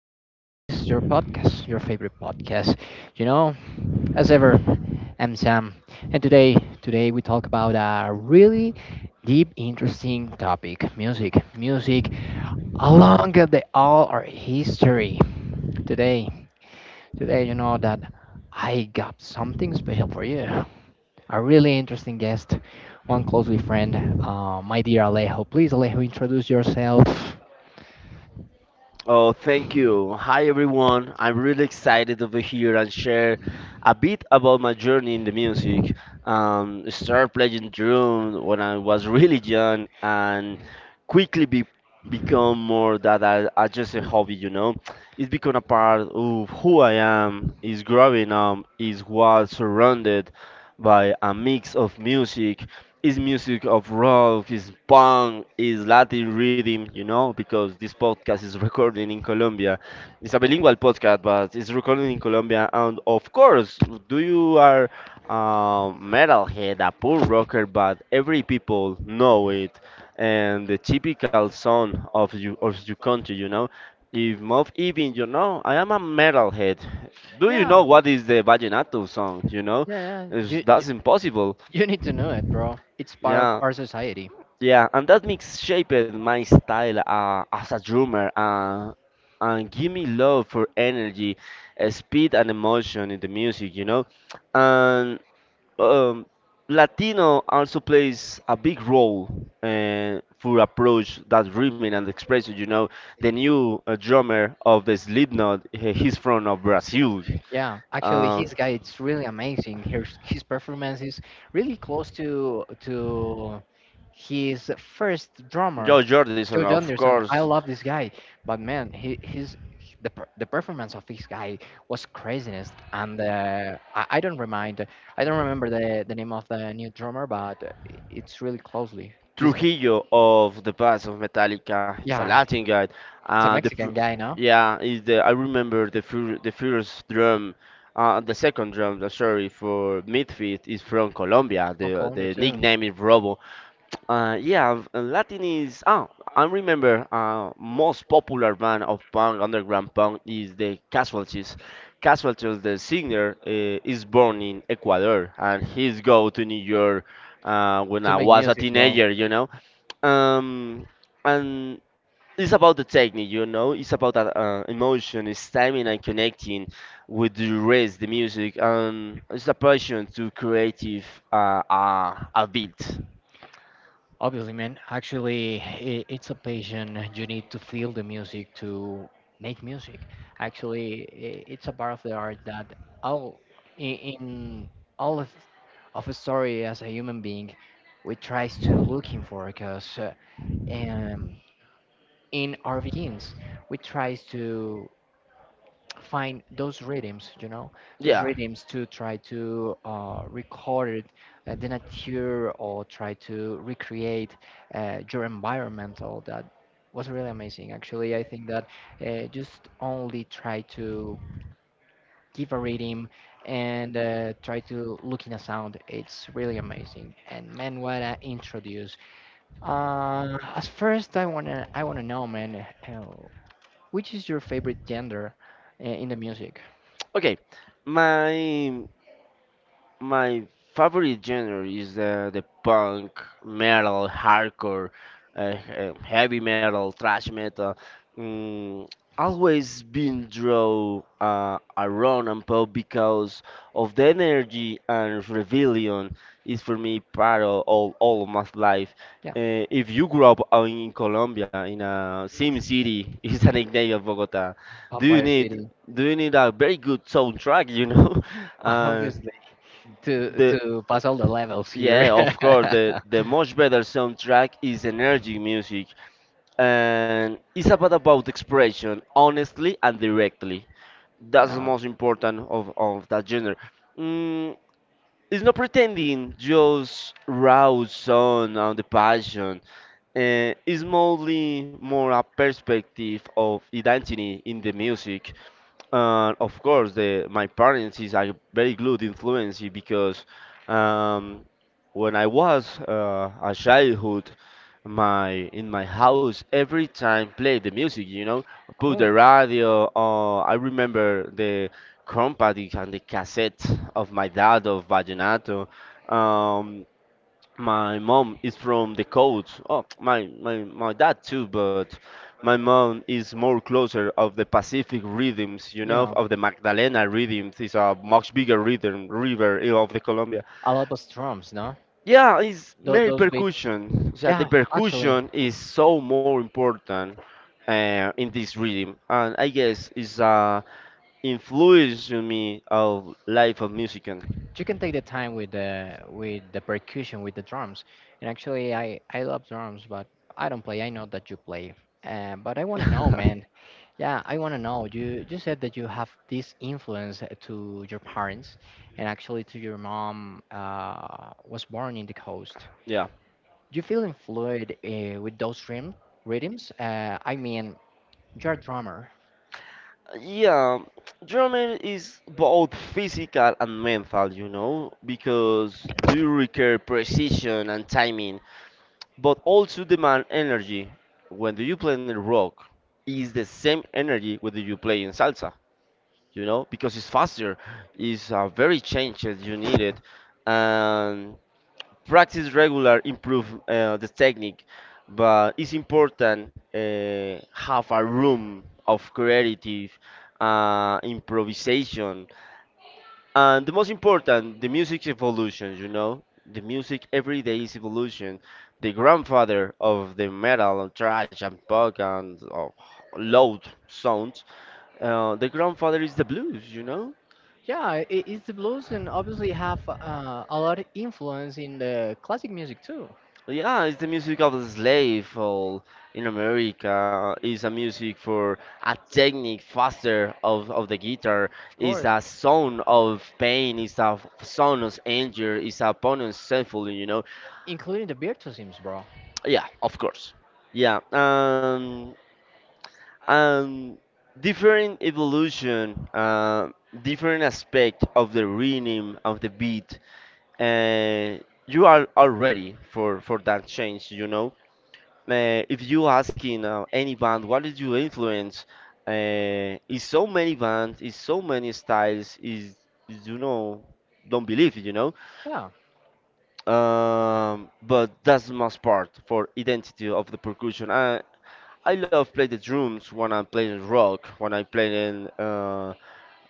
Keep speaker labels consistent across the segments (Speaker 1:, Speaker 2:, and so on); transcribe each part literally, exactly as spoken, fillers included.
Speaker 1: uh, to this your podcast, your favorite podcast. You know, as ever, I'm Sam, and today, today we talk about a really deep, interesting topic: music, music along the all our history. Today, today, you know that I got something special for you. A really interesting guest, one closely friend, uh, my dear Alejo. Please, Alejo, introduce yourself.
Speaker 2: Oh, thank you. Hi, everyone. I'm really excited to be here and share a bit about my journey in the music. Um, I started playing drums when I was really young and quickly be, become more that I, I just a hobby, you know. It's become a part of who I am, is growing up, is what surrounded by a mix of music, is music of rock, is punk, is Latin rhythm, you know, because this podcast is recording in Colombia. It's a bilingual podcast, but it's recording in Colombia. And of course, do you are a metalhead, a punk rocker, but every people know it, and the typical song of you of your country, you know. If Mob even you know, I am a metalhead. Do you
Speaker 1: Yeah,
Speaker 2: know what is the vallenato song? You know,
Speaker 1: yeah, yeah.
Speaker 2: It's-
Speaker 1: You, you,
Speaker 2: that's impossible,
Speaker 1: you need to know it, bro. It's part of
Speaker 2: yeah.
Speaker 1: our society.
Speaker 2: Yeah, and that mix shaped my style uh, as a drummer uh, and give me love for energy, uh, speed, and emotion in the music, you know. And um, Latino also plays a big role uh, for approach that rhythm and expression, you know. The new uh, drummer of the Slipknot, he- he's from of Brazil.
Speaker 1: Yeah, actually,
Speaker 2: Uh,
Speaker 1: his guy, it's really amazing. His his performance is really close to to his first drummer,
Speaker 2: Joe Jordison,
Speaker 1: George
Speaker 2: of
Speaker 1: Anderson. I
Speaker 2: course.
Speaker 1: love this guy, but man, he his the per- the performance of this guy was craziness. And uh, I, I don't remind, I don't remember the the name of the new drummer, but it's really closely. This guy,
Speaker 2: Trujillo of the past of Metallica is a
Speaker 1: yeah.
Speaker 2: Latin guy.
Speaker 1: It's
Speaker 2: Uh,
Speaker 1: a
Speaker 2: the fir-
Speaker 1: Mexican guy, no?
Speaker 2: yeah, is the I remember the fir- the first drum, uh, the second drum. uh, Sorry for Midfield is from Colombia.
Speaker 1: From
Speaker 2: The
Speaker 1: Colombia
Speaker 2: the
Speaker 1: too.
Speaker 2: nickname is Robo. Uh, yeah, v- uh, Latin is. Oh, I remember. Uh, most popular band of punk, underground punk, is the Casualties. Casualties, the singer, uh, is born in Ecuador, and he's go to New York uh, when
Speaker 1: To
Speaker 2: I
Speaker 1: make
Speaker 2: was a
Speaker 1: music, bro.
Speaker 2: teenager, you know. Um, and it's about the technique, you know. It's about that uh, emotion, it's timing and connecting with the rest, the music, and it's a passion to creative uh, uh, a beat.
Speaker 1: Obviously, man. Actually, I it's a passion. You need to feel the music to make music. Actually, i- it's a part of the art that all in, in all of, of a story as a human being, we tries to looking for because uh, um, in our begins we tries to find those rhythms, you know, those
Speaker 2: Yeah.
Speaker 1: rhythms to try to uh, record uh, the nature or try to recreate uh, your environmental. That was really amazing. Actually, I think that uh, just only try to give a rhythm and uh, try to look in a sound. It's really amazing. And man, what I introduce. Uh, as first, I wanna I wanna know, man, uh, which is your favorite gender uh, in the music?
Speaker 2: Okay. My My favorite genre is the, the punk, metal, hardcore, uh, uh, heavy metal, thrash metal. Mm, Always been drawn uh, around and pop because of the energy and rebellion is for me part of all, all of my life.
Speaker 1: Yeah.
Speaker 2: Uh, if you grew up uh, in Colombia, in a Sim City, is a nickname of Bogota. Do you
Speaker 1: Vampire
Speaker 2: need
Speaker 1: City.
Speaker 2: do you need a very good soundtrack? You know, uh,
Speaker 1: Obviously, to
Speaker 2: the
Speaker 1: to pass all the levels here.
Speaker 2: yeah, of course, the the much better soundtrack is energy music, and it's about about expression, honestly and directly. That's the
Speaker 1: Yeah,
Speaker 2: most important of of that genre. Mm, it's not pretending, just raw sound and the passion. Uh, it's mostly more a perspective of identity in the music. Uh, of course, the my parents is a very good influence because um, when I was uh, a childhood, my in my house every time play the music, you know, put the
Speaker 1: cool.
Speaker 2: radio. Uh, I remember the compact and the cassette of my dad of vallenato. Um, my mom is from the coast. Oh, my, my, my dad too, but my mom is more closer of the Pacific rhythms, you know,
Speaker 1: Yeah,
Speaker 2: of the Magdalena rhythms. It's a much bigger rhythm river eh, of the Colombia.
Speaker 1: a lot of drums, no?
Speaker 2: Yeah, it's
Speaker 1: Tho-
Speaker 2: very
Speaker 1: those beats.
Speaker 2: percussion. Yeah, the
Speaker 1: Yeah, actually,
Speaker 2: percussion is so more important uh, in this rhythm, and I guess it's uh, influence to me of life of musician.
Speaker 1: you can take the time with the with the percussion with the drums. And actually, I I love drums, but I don't play. I know that you play. Uh, but I want to know, man. Yeah, I want to know. You you said that you have this influence uh, to your parents, and actually to your mom uh, was born in the coast.
Speaker 2: Yeah.
Speaker 1: You feel influenced uh, with those rhythm, rhythms? Uh, I mean, you're a drummer.
Speaker 2: Yeah, German is both physical and mental, you know, because do you require precision and timing, but also demand energy. When do you play in rock, is the same energy whether you play in salsa, you know, because it's faster, it's uh, very changes you need it, and practice regular improve uh, the technique, but it's important uh, have a room of creative uh, improvisation, and the most important, the music's evolution, you know. The music every day is evolution. The grandfather of the metal and thrash and punk and uh, loud sounds, uh, the grandfather is the blues, you know.
Speaker 1: Yeah, it, it's the blues, and obviously have uh, a lot of influence in the classic music too.
Speaker 2: Yeah, it's the music of the slave all in America. It's a music for a technique faster of, of the guitar.
Speaker 1: Of
Speaker 2: It's
Speaker 1: course.
Speaker 2: a sound of pain. It's a sound of anger. It's a opponent's sinful, you know.
Speaker 1: Including the virtuosisms, bro.
Speaker 2: Yeah, of course. Yeah. Um, um, Different evolution, uh, different aspect of the rhythm of the beat. Uh, you are all ready for for that change, you know. Uh, if you asking uh, any band, what is your influence? Uh, is so many bands, is so many styles, is is, you know, don't believe it, you know.
Speaker 1: Yeah,
Speaker 2: Um, but that's the most part for identity of the percussion. I I love play the drums when I'm playing rock, when I play in uh,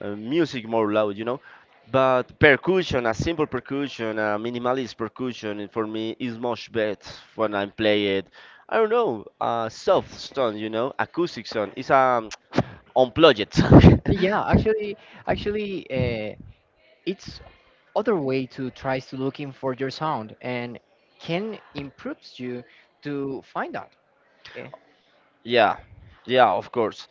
Speaker 2: uh, music more loud, you know. But percussion, a simple percussion, a minimalist percussion, it for me is much better when I play it. I don't know, a soft sound, you know, acoustic sound. It's a unplugged sound.
Speaker 1: yeah, actually, actually, uh, it's other way to try to looking for your sound and can improves you to find out. Eh,
Speaker 2: Yeah, yeah, of course.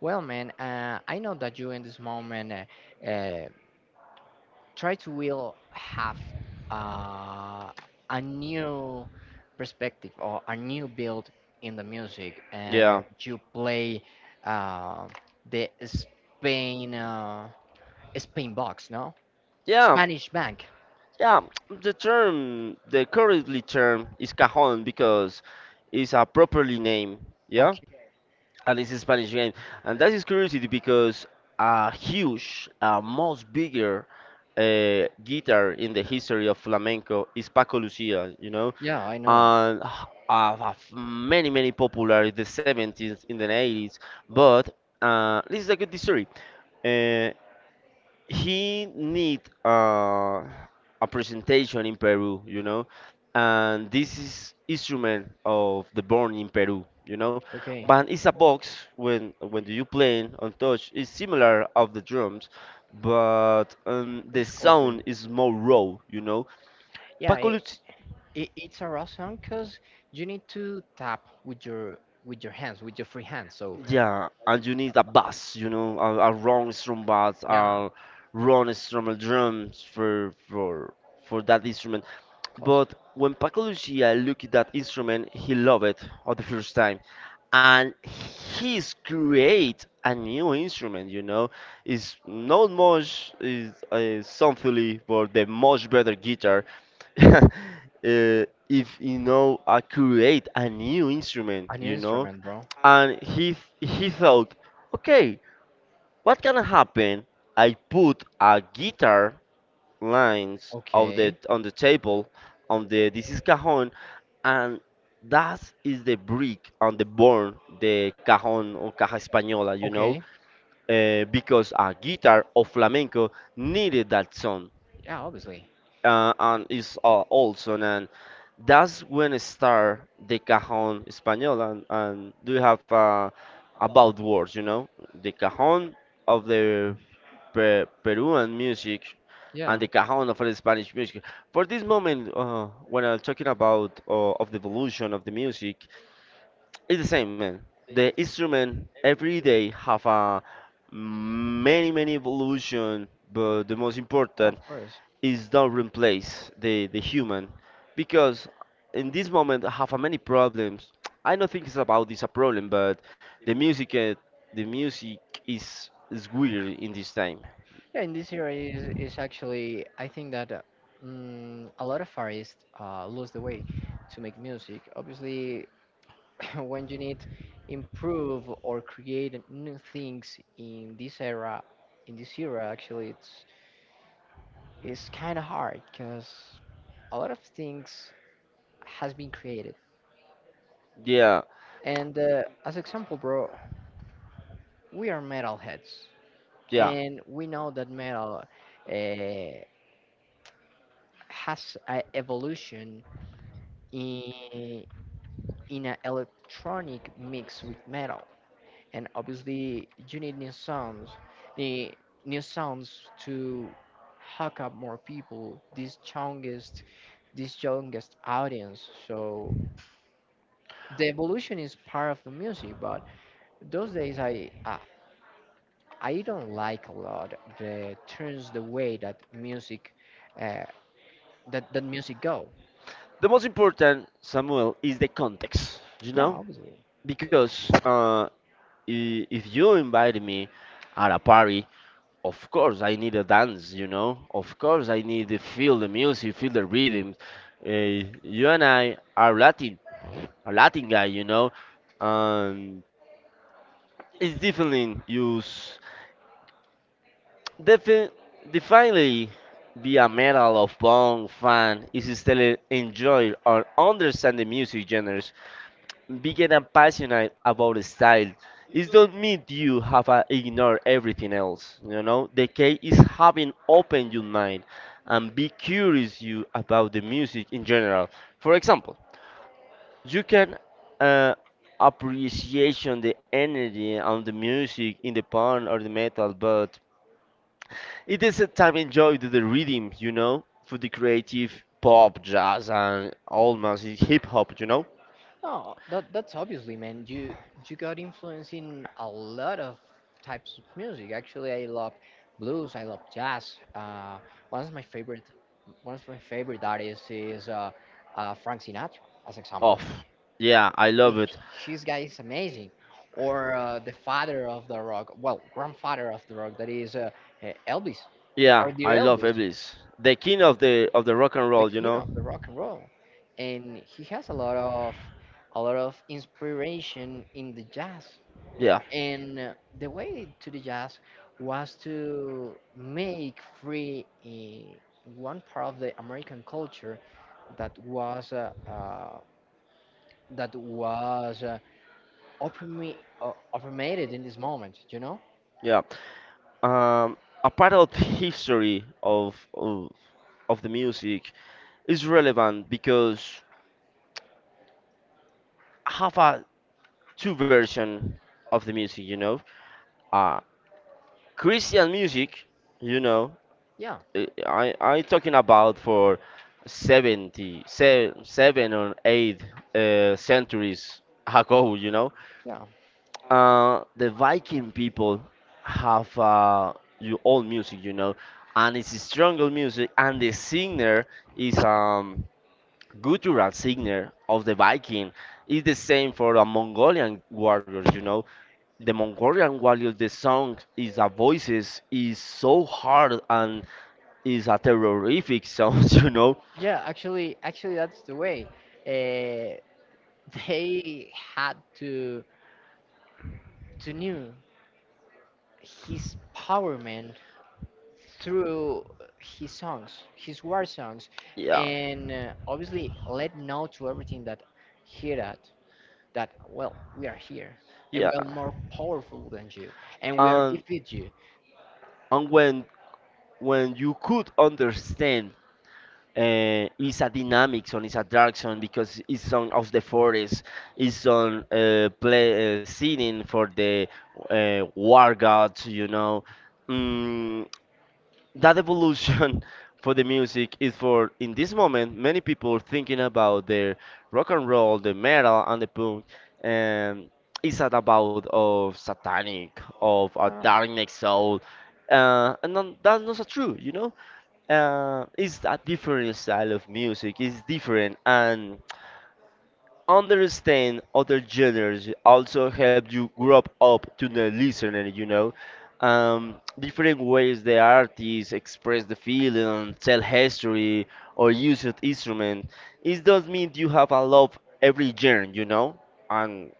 Speaker 1: Well, man, uh, I know that you in this moment uh, uh, try to will have uh, a new perspective or a new build in the music, and
Speaker 2: Yeah,
Speaker 1: you play uh, the spain uh, spain box, no?
Speaker 2: yeah.
Speaker 1: Spanish bank.
Speaker 2: Yeah, the term, the currently term is cajon because it's a properly name. Yeah.
Speaker 1: Okay.
Speaker 2: And it's a Spanish game, and that is curiosity because a huge, uh, most bigger uh, guitar in the history of flamenco is Paco Lucia, you know,
Speaker 1: Yeah, I know it.
Speaker 2: and h- uh, have many many popular in the seventies, in the eighties, but uh, this is a good history. Uh, he need uh, a presentation in Peru, you know, and this is instrument of the born in Peru, you know,
Speaker 1: Okay.
Speaker 2: but it's a box when when you playing on touch it's similar of the drums, but um, the
Speaker 1: It's cool thing.
Speaker 2: sound is more raw, you know.
Speaker 1: Yeah, it,
Speaker 2: Pacolut
Speaker 1: it, it's a raw song because you need to tap with your with your hands with your free hand. So,
Speaker 2: Yeah, and you need a bass, you know, a, a wrong strum bass,
Speaker 1: yeah,
Speaker 2: a wrong strum drums for for for that instrument.
Speaker 1: close.
Speaker 2: But when Paco Lucia looked at that instrument, he loved it on the first time. And he's create a new instrument, you know. It's not much, is uh, something for the much better guitar. uh, if you know, I create a new instrument,
Speaker 1: A new
Speaker 2: you know.
Speaker 1: instrument, bro.
Speaker 2: And he he thought, okay, what can happen? I put a guitar lines of the
Speaker 1: Okay.
Speaker 2: on the table, on the this is cajon, and that is the brick on the born, the cajon or caja española, you know,
Speaker 1: Okay.
Speaker 2: uh, because a guitar of flamenco needed that sound,
Speaker 1: Yeah, obviously.
Speaker 2: uh, and it's uh, also, and that's when it start the cajon española, and, and do you have uh, about words, you know, the cajon of the Pe- Peruan music
Speaker 1: Yeah.
Speaker 2: and the cajon of the Spanish music. For this moment, uh, when I'm talking about uh, of the evolution of the music, it's the same, man. The instrument every day have a many many evolution, but the most
Speaker 1: Oh, of
Speaker 2: important
Speaker 1: course.
Speaker 2: is don't replace the the human, because in this moment I have a many problems. I don't think it's about this a problem, but the music uh, the music is is weird in this time.
Speaker 1: Yeah, in this area is, is actually I think that uh, mm, a lot of artists uh, lose the way to make music. Obviously, when you need improve or create new things in this era, in this era, actually, it's it's kind of hard because a lot of things has been created.
Speaker 2: Yeah,
Speaker 1: And uh, as example, bro, we are metalheads,
Speaker 2: yeah.
Speaker 1: and we know that metal uh, has a evolution in in an electronic mix with metal, and obviously you need new sounds need new sounds to hook up more people, this youngest this youngest audience. So the evolution is part of the music, but those days i i, I don't like a lot the turns the way that music uh, that that music go.
Speaker 2: The most important, Samuel, is the context, you
Speaker 1: Yeah,
Speaker 2: know?
Speaker 1: obviously.
Speaker 2: Because uh, i- if you invite me at a party, of course I need a dance, you know. Of course I need to feel the music, feel the rhythms. Uh, you and I are Latin, a Latin guy, you know. Um, it's definitely use defi- definitely be a metal of punk fan is still enjoy or understand the music genres. Being and passionate about style. It don't mean you have uh, ignore everything else. You know, the key is having open your mind and be curious you about the music in general. For example, you can uh, appreciation the energy on the music in the punk or the metal, but it is a time enjoy the, the rhythm. You know, for the creative pop, jazz, and almost hip hop. You know.
Speaker 1: Oh, that that's obviously, man. You you got influence in a lot of types of music. Actually, I love blues. I love jazz. Uh, one of my favorite one of my favorite artists is uh, uh, Frank Sinatra, as
Speaker 2: Oh,
Speaker 1: example.
Speaker 2: yeah, I love it.
Speaker 1: His guy is amazing. Or uh, the father of the rock, well, grandfather of the rock, that is uh, uh, Elvis,
Speaker 2: Yeah,
Speaker 1: or
Speaker 2: I
Speaker 1: dear
Speaker 2: love
Speaker 1: Elvis,
Speaker 2: Elvis, the king of the of the rock and
Speaker 1: the
Speaker 2: roll. You
Speaker 1: king
Speaker 2: know.
Speaker 1: of the rock and roll, and he has a lot of a lot of inspiration in the jazz.
Speaker 2: Yeah,
Speaker 1: And uh, the way to the jazz was to make free uh, one part of the American culture that was uh, uh, that was uh, opprimi- uh, opprimited in this moment. You know?
Speaker 2: yeah. Um, a part of the history of of, of the music is relevant because I have a two version of the music. You know, uh, Christian music. You know,
Speaker 1: Yeah,
Speaker 2: I I I talking about for seventy, se- seven or eight uh, centuries ago. You know,
Speaker 1: yeah,
Speaker 2: Uh, the Viking people have uh, your old music, you know, and it's strong old music, and the singer is um guttural singer of the Viking. It's the same for the Mongolian warriors, you know. The Mongolian warriors, the song is the voices is so hard and is a terrific sound, you know.
Speaker 1: yeah. Actually, actually, that's the way. Uh, they had to to knew his power, man, through his songs, his war songs,
Speaker 2: Yeah,
Speaker 1: and uh, obviously let know to everything that hear that that well we are here, and we
Speaker 2: yeah.
Speaker 1: are more powerful than you, and we are
Speaker 2: And
Speaker 1: defeat you.
Speaker 2: and when when you could understand uh, is a dynamic song, is a dark song because it's song of the forest, it's song uh, play uh, singing for the uh, war gods, you know. Mm, that evolution for the music is for in this moment many people thinking about the rock and roll, the metal and the punk, and it's not about of satanic, of a
Speaker 1: Uh,
Speaker 2: darkness soul, uh, and non- that's not so true, you know, uh, it's a different style of music. It's different, and understand other genres also help you grow up to the listener. You know, um, different ways the artists express the feeling, tell history, or use an instrument. It does mean you have a love every genre. You know, and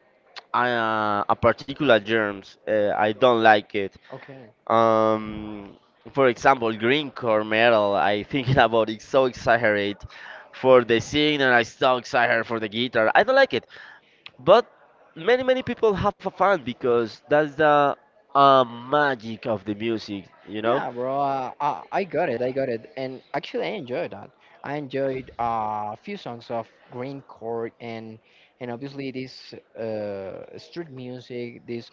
Speaker 2: I, uh, a particular genres uh, I don't like it.
Speaker 1: okay,
Speaker 2: Um, for example, greencore metal, I thinking about it so exaggerate for the singer. And I so exaggerate for the guitar. I don't like it, but many many people have a fan because that's the uh, magic of the music, you know?
Speaker 1: yeah, bro, uh, uh, I got it, I got it, and actually I enjoyed that. I enjoyed uh, a few songs of green chord, and and obviously this uh, street music, this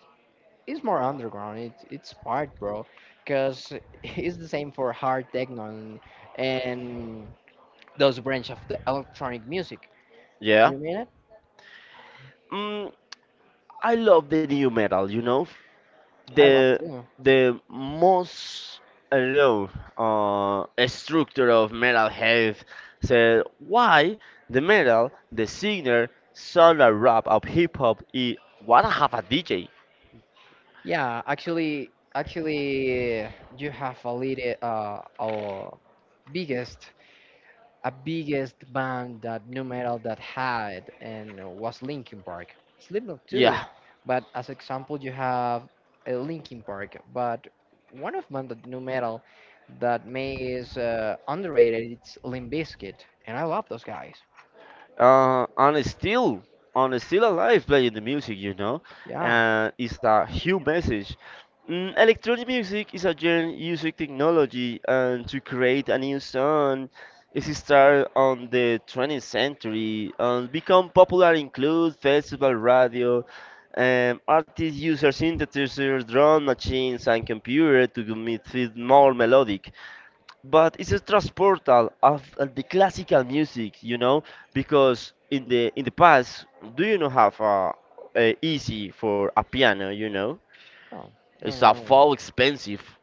Speaker 1: it's more underground. It's it's hard, bro, because it's the same for hard techno and, and those branch of the electronic music. Do
Speaker 2: Yeah.
Speaker 1: you mean it?
Speaker 2: Mm, I love the new metal, you know?
Speaker 1: I love
Speaker 2: the
Speaker 1: too. Yeah,
Speaker 2: the most I do uh, structure of metal health said why the metal the singer solar rap of hip hop is what I have a D J,
Speaker 1: yeah, actually, actually, you have a little uh, our biggest, a biggest band that new metal that had and was Linkin Park. Slipknot too,
Speaker 2: yeah,
Speaker 1: but as example you have uh, Linkin Park. But one of band that new metal that may is uh, underrated. It's Limp Bizkit, and I love those guys.
Speaker 2: uh, and it's still and it's still alive playing the music, you know,
Speaker 1: Yeah.
Speaker 2: and it's a huge message. Mm, electronic music is a genre using technology and to create a new sound. It started on the twentieth century and become popular include festival radio, um, artists use synthesizers, drum machines, and computer to make it more melodic, but it's a transportal of uh, the classical music, you know, because in the in the past, do you know have a, a easy for a piano, you know?
Speaker 1: Oh, no,
Speaker 2: It's
Speaker 1: no,
Speaker 2: a fall
Speaker 1: no.
Speaker 2: expensive,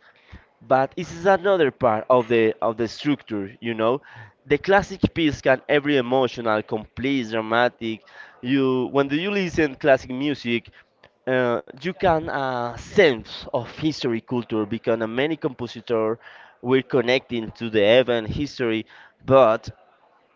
Speaker 2: but this is another part of the of the structure, you know. The classic piece can every emotional, complete, dramatic. You when do you listen classic music, uh, you can uh, sense of history culture because uh, many compositors were connecting to the event history, but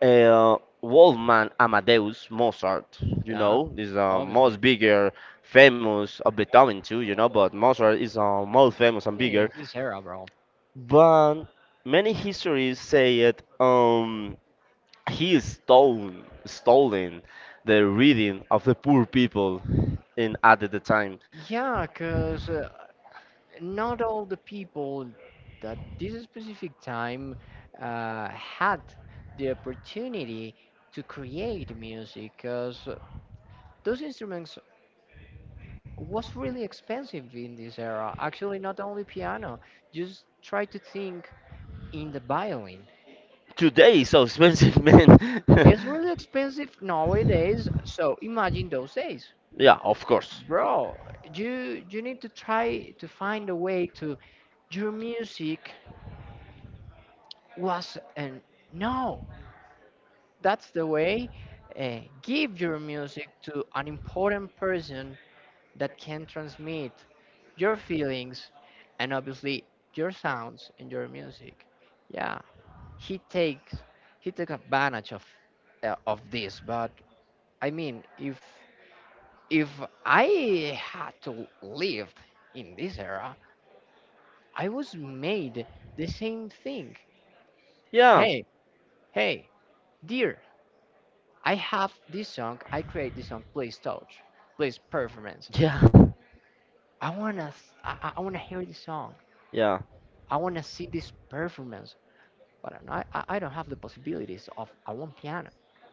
Speaker 2: uh, Wolfman Amadeus Mozart, you
Speaker 1: Yeah,
Speaker 2: know, is uh,
Speaker 1: obviously.
Speaker 2: most bigger, famous of Beethoven too, you know, but Mozart is uh, most famous and
Speaker 1: Yeah,
Speaker 2: bigger.
Speaker 1: his era, bro.
Speaker 2: But many histories say it, um, he stole, stolen stolen the reading of the poor people in at the time.
Speaker 1: Yeah, cause uh, not all the people that this specific time uh, had the opportunity to create music because those instruments was really expensive in this era, actually not only piano. Just try to think in the violin.
Speaker 2: Today is so expensive, man.
Speaker 1: It's really expensive nowadays, so imagine those days,
Speaker 2: Yeah, of course.
Speaker 1: bro. You you need to try to find a way to your music was an, no. That's the way. Uh, give your music to an important person that can transmit your feelings, and obviously your sounds and your music. Yeah, he takes, he took advantage of uh, of this, but I mean, if if I had to live in this era, I was made the same thing.
Speaker 2: Yeah.
Speaker 1: Hey, hey, dear, I have this song. I create this song. Please touch. Please performance.
Speaker 2: Yeah.
Speaker 1: I wanna. s- I, I- I wanna hear this song.
Speaker 2: Yeah.
Speaker 1: I wanna see this performance. But I'm not, I I don't have the possibilities of a one piano.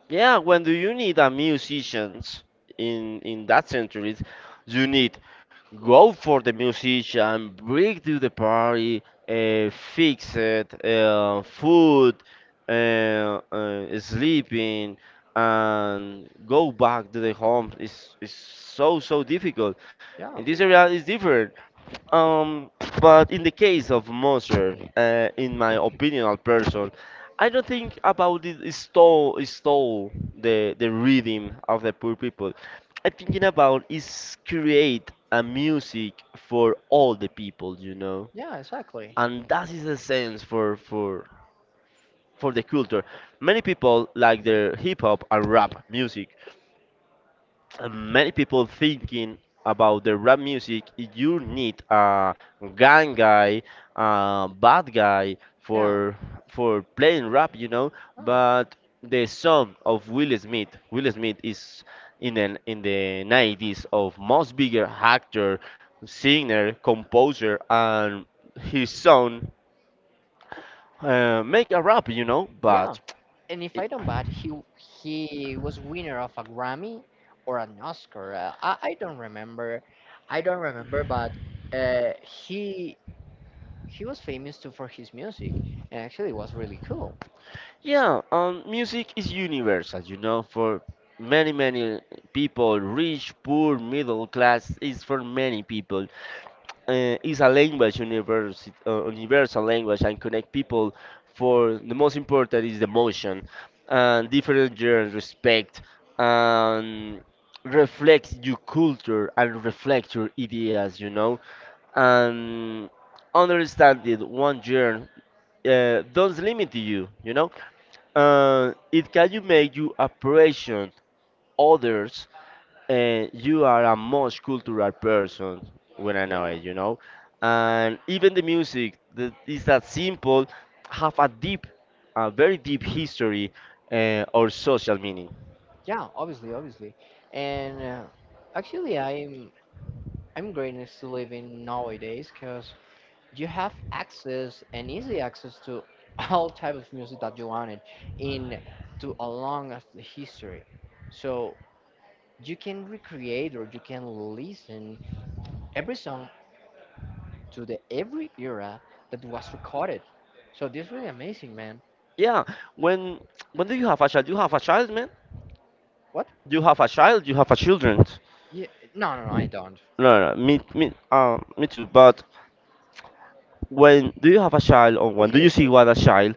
Speaker 2: Yeah, when do you need a musicians in in that centuries? You need go for the musician, bring to the party, uh, fix it, uh, food, uh, uh, sleeping, and go back to the home. It's, it's so so difficult. In
Speaker 1: Yeah.
Speaker 2: this area, it's different. Um, but in the case of Moser, uh, in my opinion, person, I don't think about it stole stole the the rhythm of the poor people. I'm thinking about is create a music for all the people, you know,
Speaker 1: Yeah. Exactly.
Speaker 2: and that is the sense for for for the culture. Many people like their hip hop and rap music, and many people thinking about the rap music you need a gang guy, a bad guy
Speaker 1: Yeah.
Speaker 2: for for playing rap, you know,
Speaker 1: Oh.
Speaker 2: but the song of will smith will smith is in an in the nineties of most bigger actor, singer, composer, and his son uh, make a rap, you know,
Speaker 1: Yeah.
Speaker 2: but
Speaker 1: And if I don't bad, he he was winner of a Grammy or an Oscar. Uh, I I don't remember. I don't remember, but uh, he he was famous too for his music, and actually was really cool.
Speaker 2: yeah, um, music is universal, you know, for many, many people, rich, poor, middle class, is for many people. Uh, it's a language, universe, uh, universal language, and connect people for the most important is the emotion, and different genres, respect, and reflect your culture and reflect your ideas, you know, and understand it one year uh, don't limit you, you know, uh, it can you make you appreciate others, and you are a most cultural person when I know
Speaker 1: Yeah,
Speaker 2: it, you know. And even the music that is that simple have a deep, a very deep history uh, or social meaning.
Speaker 1: yeah, obviously, obviously. And uh, actually, I'm I'm grateful to live in nowadays because you have access and easy access to all type of music that you wanted in to along as the history. So you can recreate or you can listen every song to the every era that was recorded. So this is really amazing, man.
Speaker 2: Yeah, when when do you have a child? You have a child, man.
Speaker 1: What?
Speaker 2: You have a child. You have a children.
Speaker 1: Yeah, no, no, no, I don't.
Speaker 2: No, no, me, me, um, me too. But when do you have a child, or when do
Speaker 1: Okay,
Speaker 2: you see
Speaker 1: okay.
Speaker 2: what a child?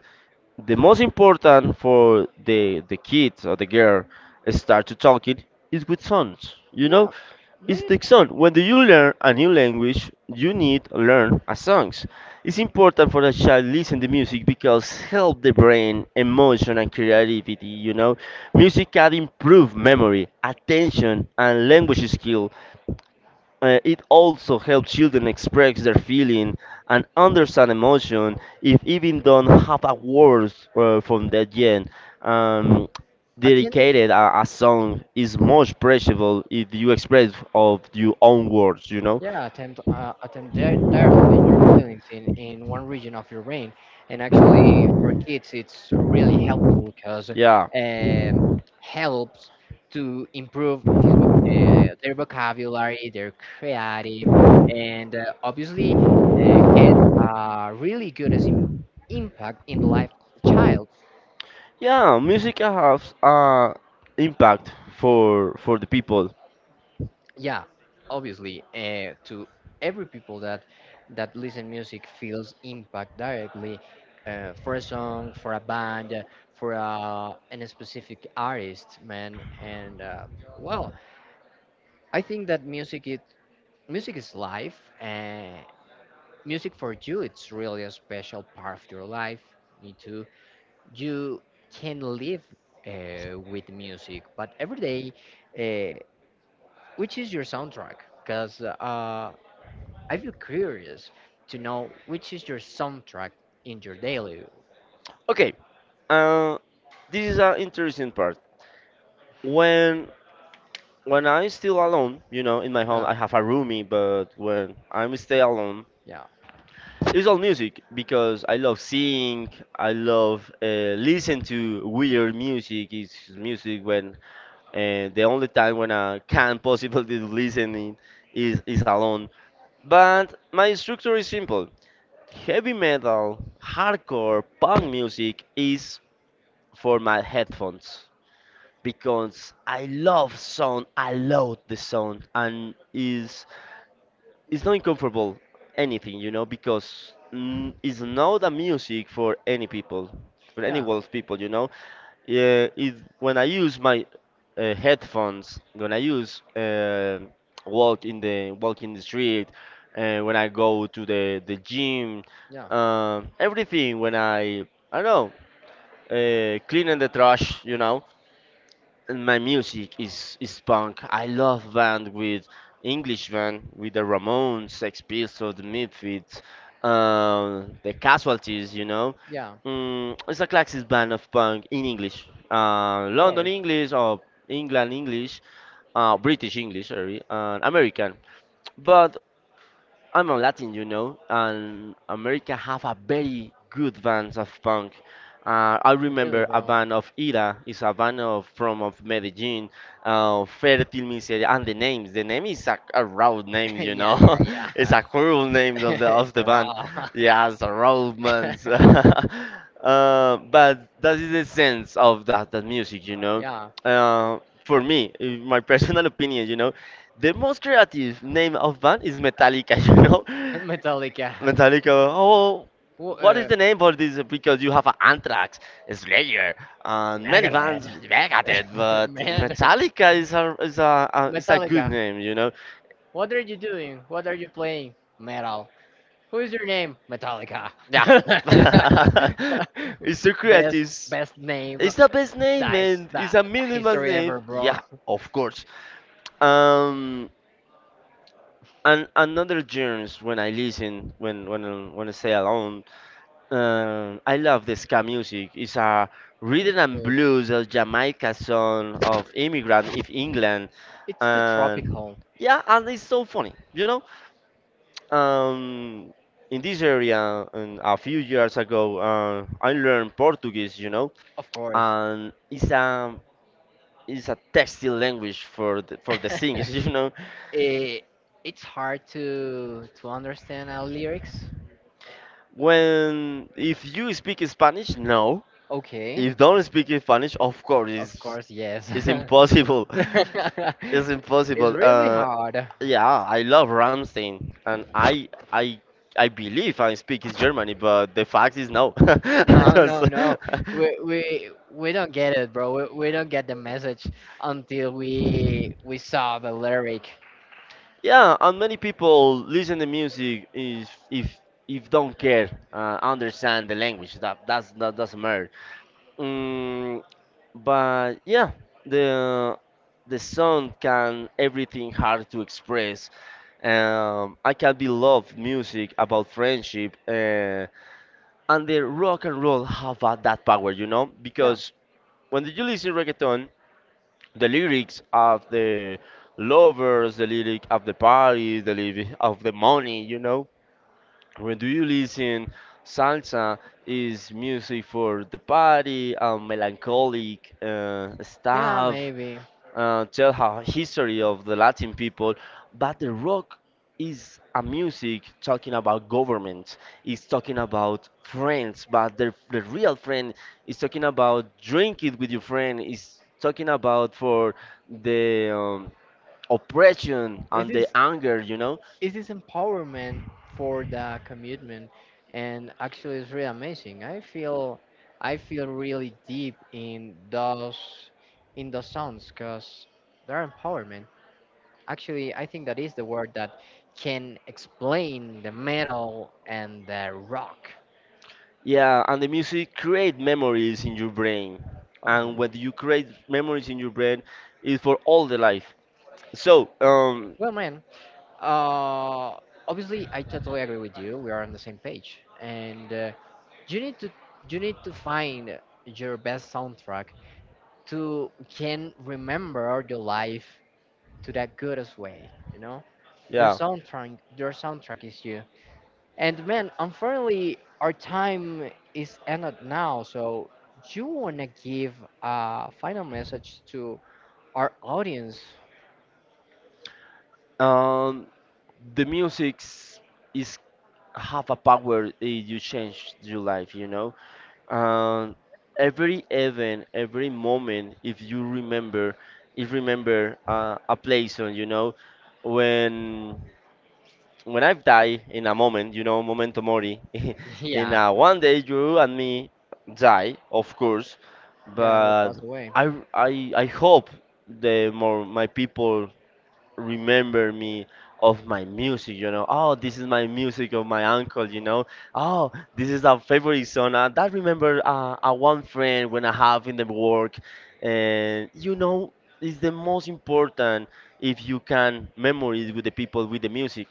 Speaker 2: The most important for the the kid or the girl start to talking is with songs, you know.
Speaker 1: Yeah, yeah,
Speaker 2: It's
Speaker 1: yeah.
Speaker 2: the song when you learn a new language you need to learn a songs. It's important for the child listen to music because help the brain emotion and creativity, you know. Music can improve memory, attention, and language skill. Uh, it also helps children express their feeling and understand emotion if even don't have a words uh, from that gen. Um,
Speaker 1: Attend.
Speaker 2: dedicated a, a song is most preciable if you express of your own words, you know?
Speaker 1: Yeah, attempt uh, attempt di- dialogue your feelings in in one region of your brain, and actually for kids it's really helpful because
Speaker 2: Yeah,
Speaker 1: um, helps to improve his voc- uh, their vocabulary, their creative, and uh, obviously uh, get a really good as im- impact in the life of the child.
Speaker 2: yeah, music has uh, impact for for the people.
Speaker 1: Yeah, obviously uh, to every people that that listen music feels impact directly uh, for a song, for a band, uh, for a, an specific artist, man. And uh, well, I think that music is music is life, and music for you it's really a special part of your life. Me too. You can live uh, with music, but every day uh, which is your soundtrack? Because uh, I feel curious to know which is your soundtrack in your daily.
Speaker 2: Okay, uh, this is an interesting part. When when I'm still alone, you know, in my home,
Speaker 1: Yeah,
Speaker 2: I have a roomie, but when I'm stay alone,
Speaker 1: yeah,
Speaker 2: it's all music because I love sing, I love uh, listen to weird music. It's music when uh, the only time when I can possibly listening is is alone. But my structure is simple: heavy metal, hardcore, punk music is for my headphones because I love sound. I love the sound and is it's not uncomfortable anything, you know, because mm, it's not a music for any people, for any
Speaker 1: yeah,
Speaker 2: world people, you know. Yeah, it, when I use my uh, headphones, when I use uh, walk in the walk in the street, uh, when I go to the the gym,
Speaker 1: yeah,
Speaker 2: um everything. When I I don't know, uh, cleaning the trash, you know, and my music is is punk. I love band with English band with the Ramones, Sex Pistols, the Misfits, um, the Casualties. You know,
Speaker 1: yeah. Of
Speaker 2: mm, it's a classic band of punk in English, uh, London
Speaker 1: course,
Speaker 2: English or England English, uh, British English, sorry, and American. But I'm a Latin, you know, and America have a very good bands of punk. Uh, I
Speaker 1: really,
Speaker 2: remember a
Speaker 1: bro.
Speaker 2: band of Ira, is a band of, from of Medellin, uh, Fertil Miseria, and the names. The name is a, a raw name, you
Speaker 1: yeah,
Speaker 2: know.
Speaker 1: yeah, yeah.
Speaker 2: It's a cruel name of the of
Speaker 1: It's
Speaker 2: the
Speaker 1: a
Speaker 2: band.
Speaker 1: raw.
Speaker 2: Yeah, it's a raw man's. Uh, but that is the sense of that that music, you know.
Speaker 1: Yeah,
Speaker 2: Uh, for me, in my personal opinion, you know, the most creative name of band is Metallica, you know?
Speaker 1: Metallica.
Speaker 2: Metallica. Oh,
Speaker 1: Wh-
Speaker 2: what is
Speaker 1: uh,
Speaker 2: the name for this? Because you have uh, Anthrax, Slayer, and many bands,
Speaker 1: Megadeth.
Speaker 2: Megadeth, but
Speaker 1: Man,
Speaker 2: Metallica is a is a, a is a good
Speaker 1: Metallica.
Speaker 2: name, you know?
Speaker 1: What are you doing? What are you playing? Metal. Who is your name? Metallica.
Speaker 2: Yeah, it's so
Speaker 1: best
Speaker 2: creative.
Speaker 1: best name
Speaker 2: It's the best name,
Speaker 1: dice
Speaker 2: man. It's
Speaker 1: that
Speaker 2: a minimalist
Speaker 1: history
Speaker 2: name.
Speaker 1: ever, bro.
Speaker 2: Yeah, of course. Um, and another genres when I listen, when when I- when I stay alone, Um, I love the ska music. It's a
Speaker 1: It's
Speaker 2: rhythm and
Speaker 1: good.
Speaker 2: blues of Jamaica song of immigrant in England,
Speaker 1: It's the
Speaker 2: and
Speaker 1: tropical,
Speaker 2: yeah, and it's so funny, you know. Um, in this area, um, a few years ago, uh, I learned Portuguese, you know,
Speaker 1: of course.
Speaker 2: and it's a it's a textile language for the, for the singers, you know.
Speaker 1: it, it's hard to to understand our lyrics.
Speaker 2: When if you speak Spanish, no,
Speaker 1: Okay.
Speaker 2: if don't speak Spanish, of course,
Speaker 1: Of
Speaker 2: it's
Speaker 1: course, yes.
Speaker 2: It's impossible. It's
Speaker 1: It's
Speaker 2: impossible.
Speaker 1: really
Speaker 2: Uh,
Speaker 1: hard.
Speaker 2: yeah, I love Ramstein, and I I I believe I speak is Germany, but the fact is no. I
Speaker 1: No,
Speaker 2: Just-
Speaker 1: no, no. We we we don't get it, bro. We, we don't get the message until we we saw the lyric.
Speaker 2: yeah, and many people listen to music is if if don't care uh, understand the language that that's that doesn't matter. Mm, but yeah, the the song can everything hard to express. Um, I can be love music about friendship, uh, and the rock and roll have uh, that power, you know,
Speaker 1: Yeah,
Speaker 2: because when you listen reggaeton, the lyrics of the lovers, the lyric of the party, the lyric of the money, you know. When do you listen salsa is music for the party, um, melancholic uh,
Speaker 1: yeah,
Speaker 2: stuff,
Speaker 1: maybe.
Speaker 2: uh, tell her history of the Latin people, but the rock is a music talking about government. It's talking about friends, but the the real friend is talking about drink it with your friend. Is talking about for the um, oppression
Speaker 1: It
Speaker 2: and the
Speaker 1: is,
Speaker 2: anger, you know.
Speaker 1: it is empowerment for the commitment, and actually, it's really amazing. I feel, I feel really deep in those in those songs because they're empowerment. Actually, I think that is the word that can explain the metal and the rock.
Speaker 2: Yeah, and the music create memories in your brain, and when you create memories in your brain, is for all the life. So, um,
Speaker 1: Well, man, uh, obviously, I totally agree with you. We are on the same page, and uh, you need to you need to find your best soundtrack to can remember your life to that goodest way. You know, your
Speaker 2: yeah.
Speaker 1: soundtrack your soundtrack is you. And man, unfortunately, our time is ended now. So, you wanna give a final message to our audience?
Speaker 2: Um, the music is have a power. Eh, you change your life. You know. Um, every event, every moment, if you remember, if remember uh, a place on, you know, when when I've died in a moment, you know, momento mori, in
Speaker 1: Yeah,
Speaker 2: uh, one day you and me die, of course,
Speaker 1: yeah, we
Speaker 2: but
Speaker 1: passed away.
Speaker 2: I I I hope the more my people remember me of my music, you know. Oh, this is my music of my uncle, you know. Oh, this is our favorite song. Uh, that remember uh, a one friend when I have in the work, and you know, it's the most important if you can memories with the people with the music.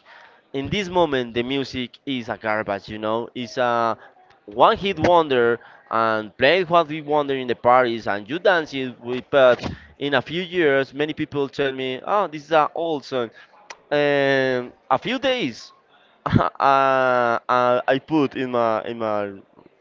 Speaker 2: In this moment the music is a garbage, you know, it's a one hit wonder, and play what we wonder in the parties and you dance it with, but in a few years many people tell me, oh, this is an old song. And a few days uh, uh, I put in my in my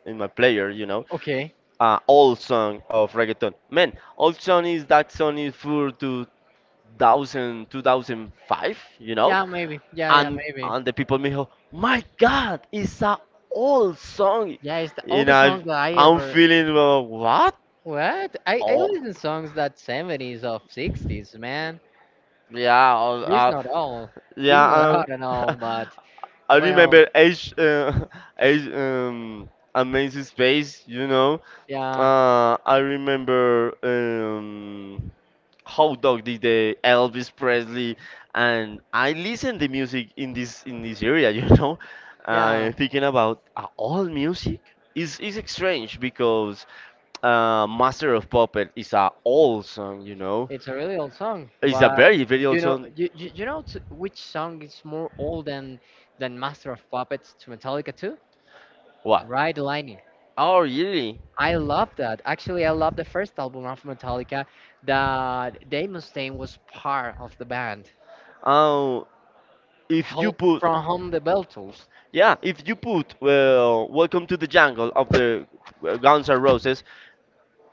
Speaker 2: in my player, you know,
Speaker 1: Okay.
Speaker 2: uh, old song of reggaeton, man, old song is that song is for to two thousand, two thousand five, you know?
Speaker 1: Yeah, maybe. Yeah, yeah,
Speaker 2: And
Speaker 1: maybe.
Speaker 2: and the people me go, my God, it's a old song.
Speaker 1: Yeah, it's the you
Speaker 2: And
Speaker 1: oldest know,
Speaker 2: I,
Speaker 1: song that I
Speaker 2: I'm
Speaker 1: ever.
Speaker 2: feeling, uh, what?
Speaker 1: What? I I
Speaker 2: Oh.
Speaker 1: listen songs that seventies of sixties, man.
Speaker 2: Yeah, uh,
Speaker 1: This
Speaker 2: uh,
Speaker 1: not all. This, yeah, not
Speaker 2: yeah.
Speaker 1: all at all.
Speaker 2: Uh,
Speaker 1: But
Speaker 2: I
Speaker 1: well,
Speaker 2: remember Age, uh, Age, um, Amazing Space. You know,
Speaker 1: yeah. Uh,
Speaker 2: uh, I remember. Um, how Dog did the Elvis Presley, and I listen the music in this in this area, you know.
Speaker 1: yeah.
Speaker 2: Uh, thinking about uh, all music is is strange because uh, Master of Puppet is a old song, you know.
Speaker 1: It's a really old song,
Speaker 2: It's a
Speaker 1: but
Speaker 2: very very old
Speaker 1: you know,
Speaker 2: song.
Speaker 1: you, you, you know t- which song is more old than than Master of Puppets to Metallica too?
Speaker 2: What?
Speaker 1: Ride the Lightning.
Speaker 2: Oh really?
Speaker 1: I love that. Actually, I love the first album of Metallica that Dave Mustaine was part of the band.
Speaker 2: Oh, if you
Speaker 1: Hell
Speaker 2: put.
Speaker 1: from Home the Beatles.
Speaker 2: Yeah, if you put well, "Welcome to the Jungle" of the uh, Guns N' Roses,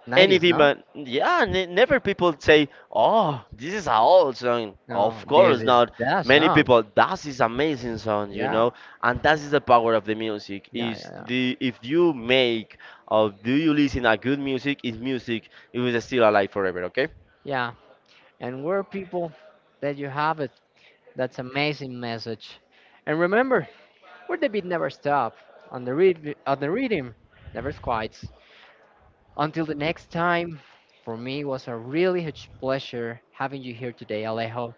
Speaker 1: nineties,
Speaker 2: anything,
Speaker 1: no?
Speaker 2: but yeah ne never people say, oh, this is an old song, of
Speaker 1: No, this
Speaker 2: course
Speaker 1: is
Speaker 2: not,
Speaker 1: that
Speaker 2: many
Speaker 1: song.
Speaker 2: people that is amazing song, you
Speaker 1: Yeah,
Speaker 2: know, and that is the power of the music
Speaker 1: yeah, yeah,
Speaker 2: is
Speaker 1: yeah.
Speaker 2: the if you make or do you listen a good music is music it will still alive forever, okay.
Speaker 1: Yeah, and we're people that you have it. That's amazing message. And remember, where the beat never stop. On the read, on the rhythm, never quits. Until the next time, for me was a really huge pleasure having you here today, Alejo.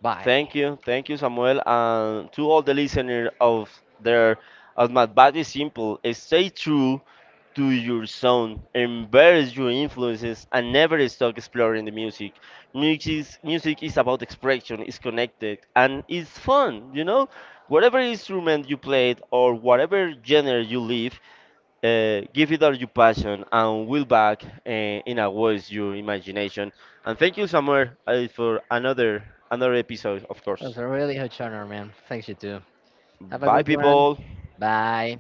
Speaker 1: Bye.
Speaker 2: Thank you, thank you, Samuel, and to all the listeners of there. As my advice is simple: stay true to your sound, embrace your influences, and never stop exploring the music. Music is, music is about expression, it's connected, and it's fun. You know, whatever instrument you played or whatever genre you live, uh, give it all your passion and will back uh, in a voice your imagination. And thank you, Samuel, uh, for another another episode, of
Speaker 1: It was
Speaker 2: course.
Speaker 1: a really huge honor, man. Thanks you too. Have a
Speaker 2: Bye,
Speaker 1: good one.
Speaker 2: people.
Speaker 1: Bye.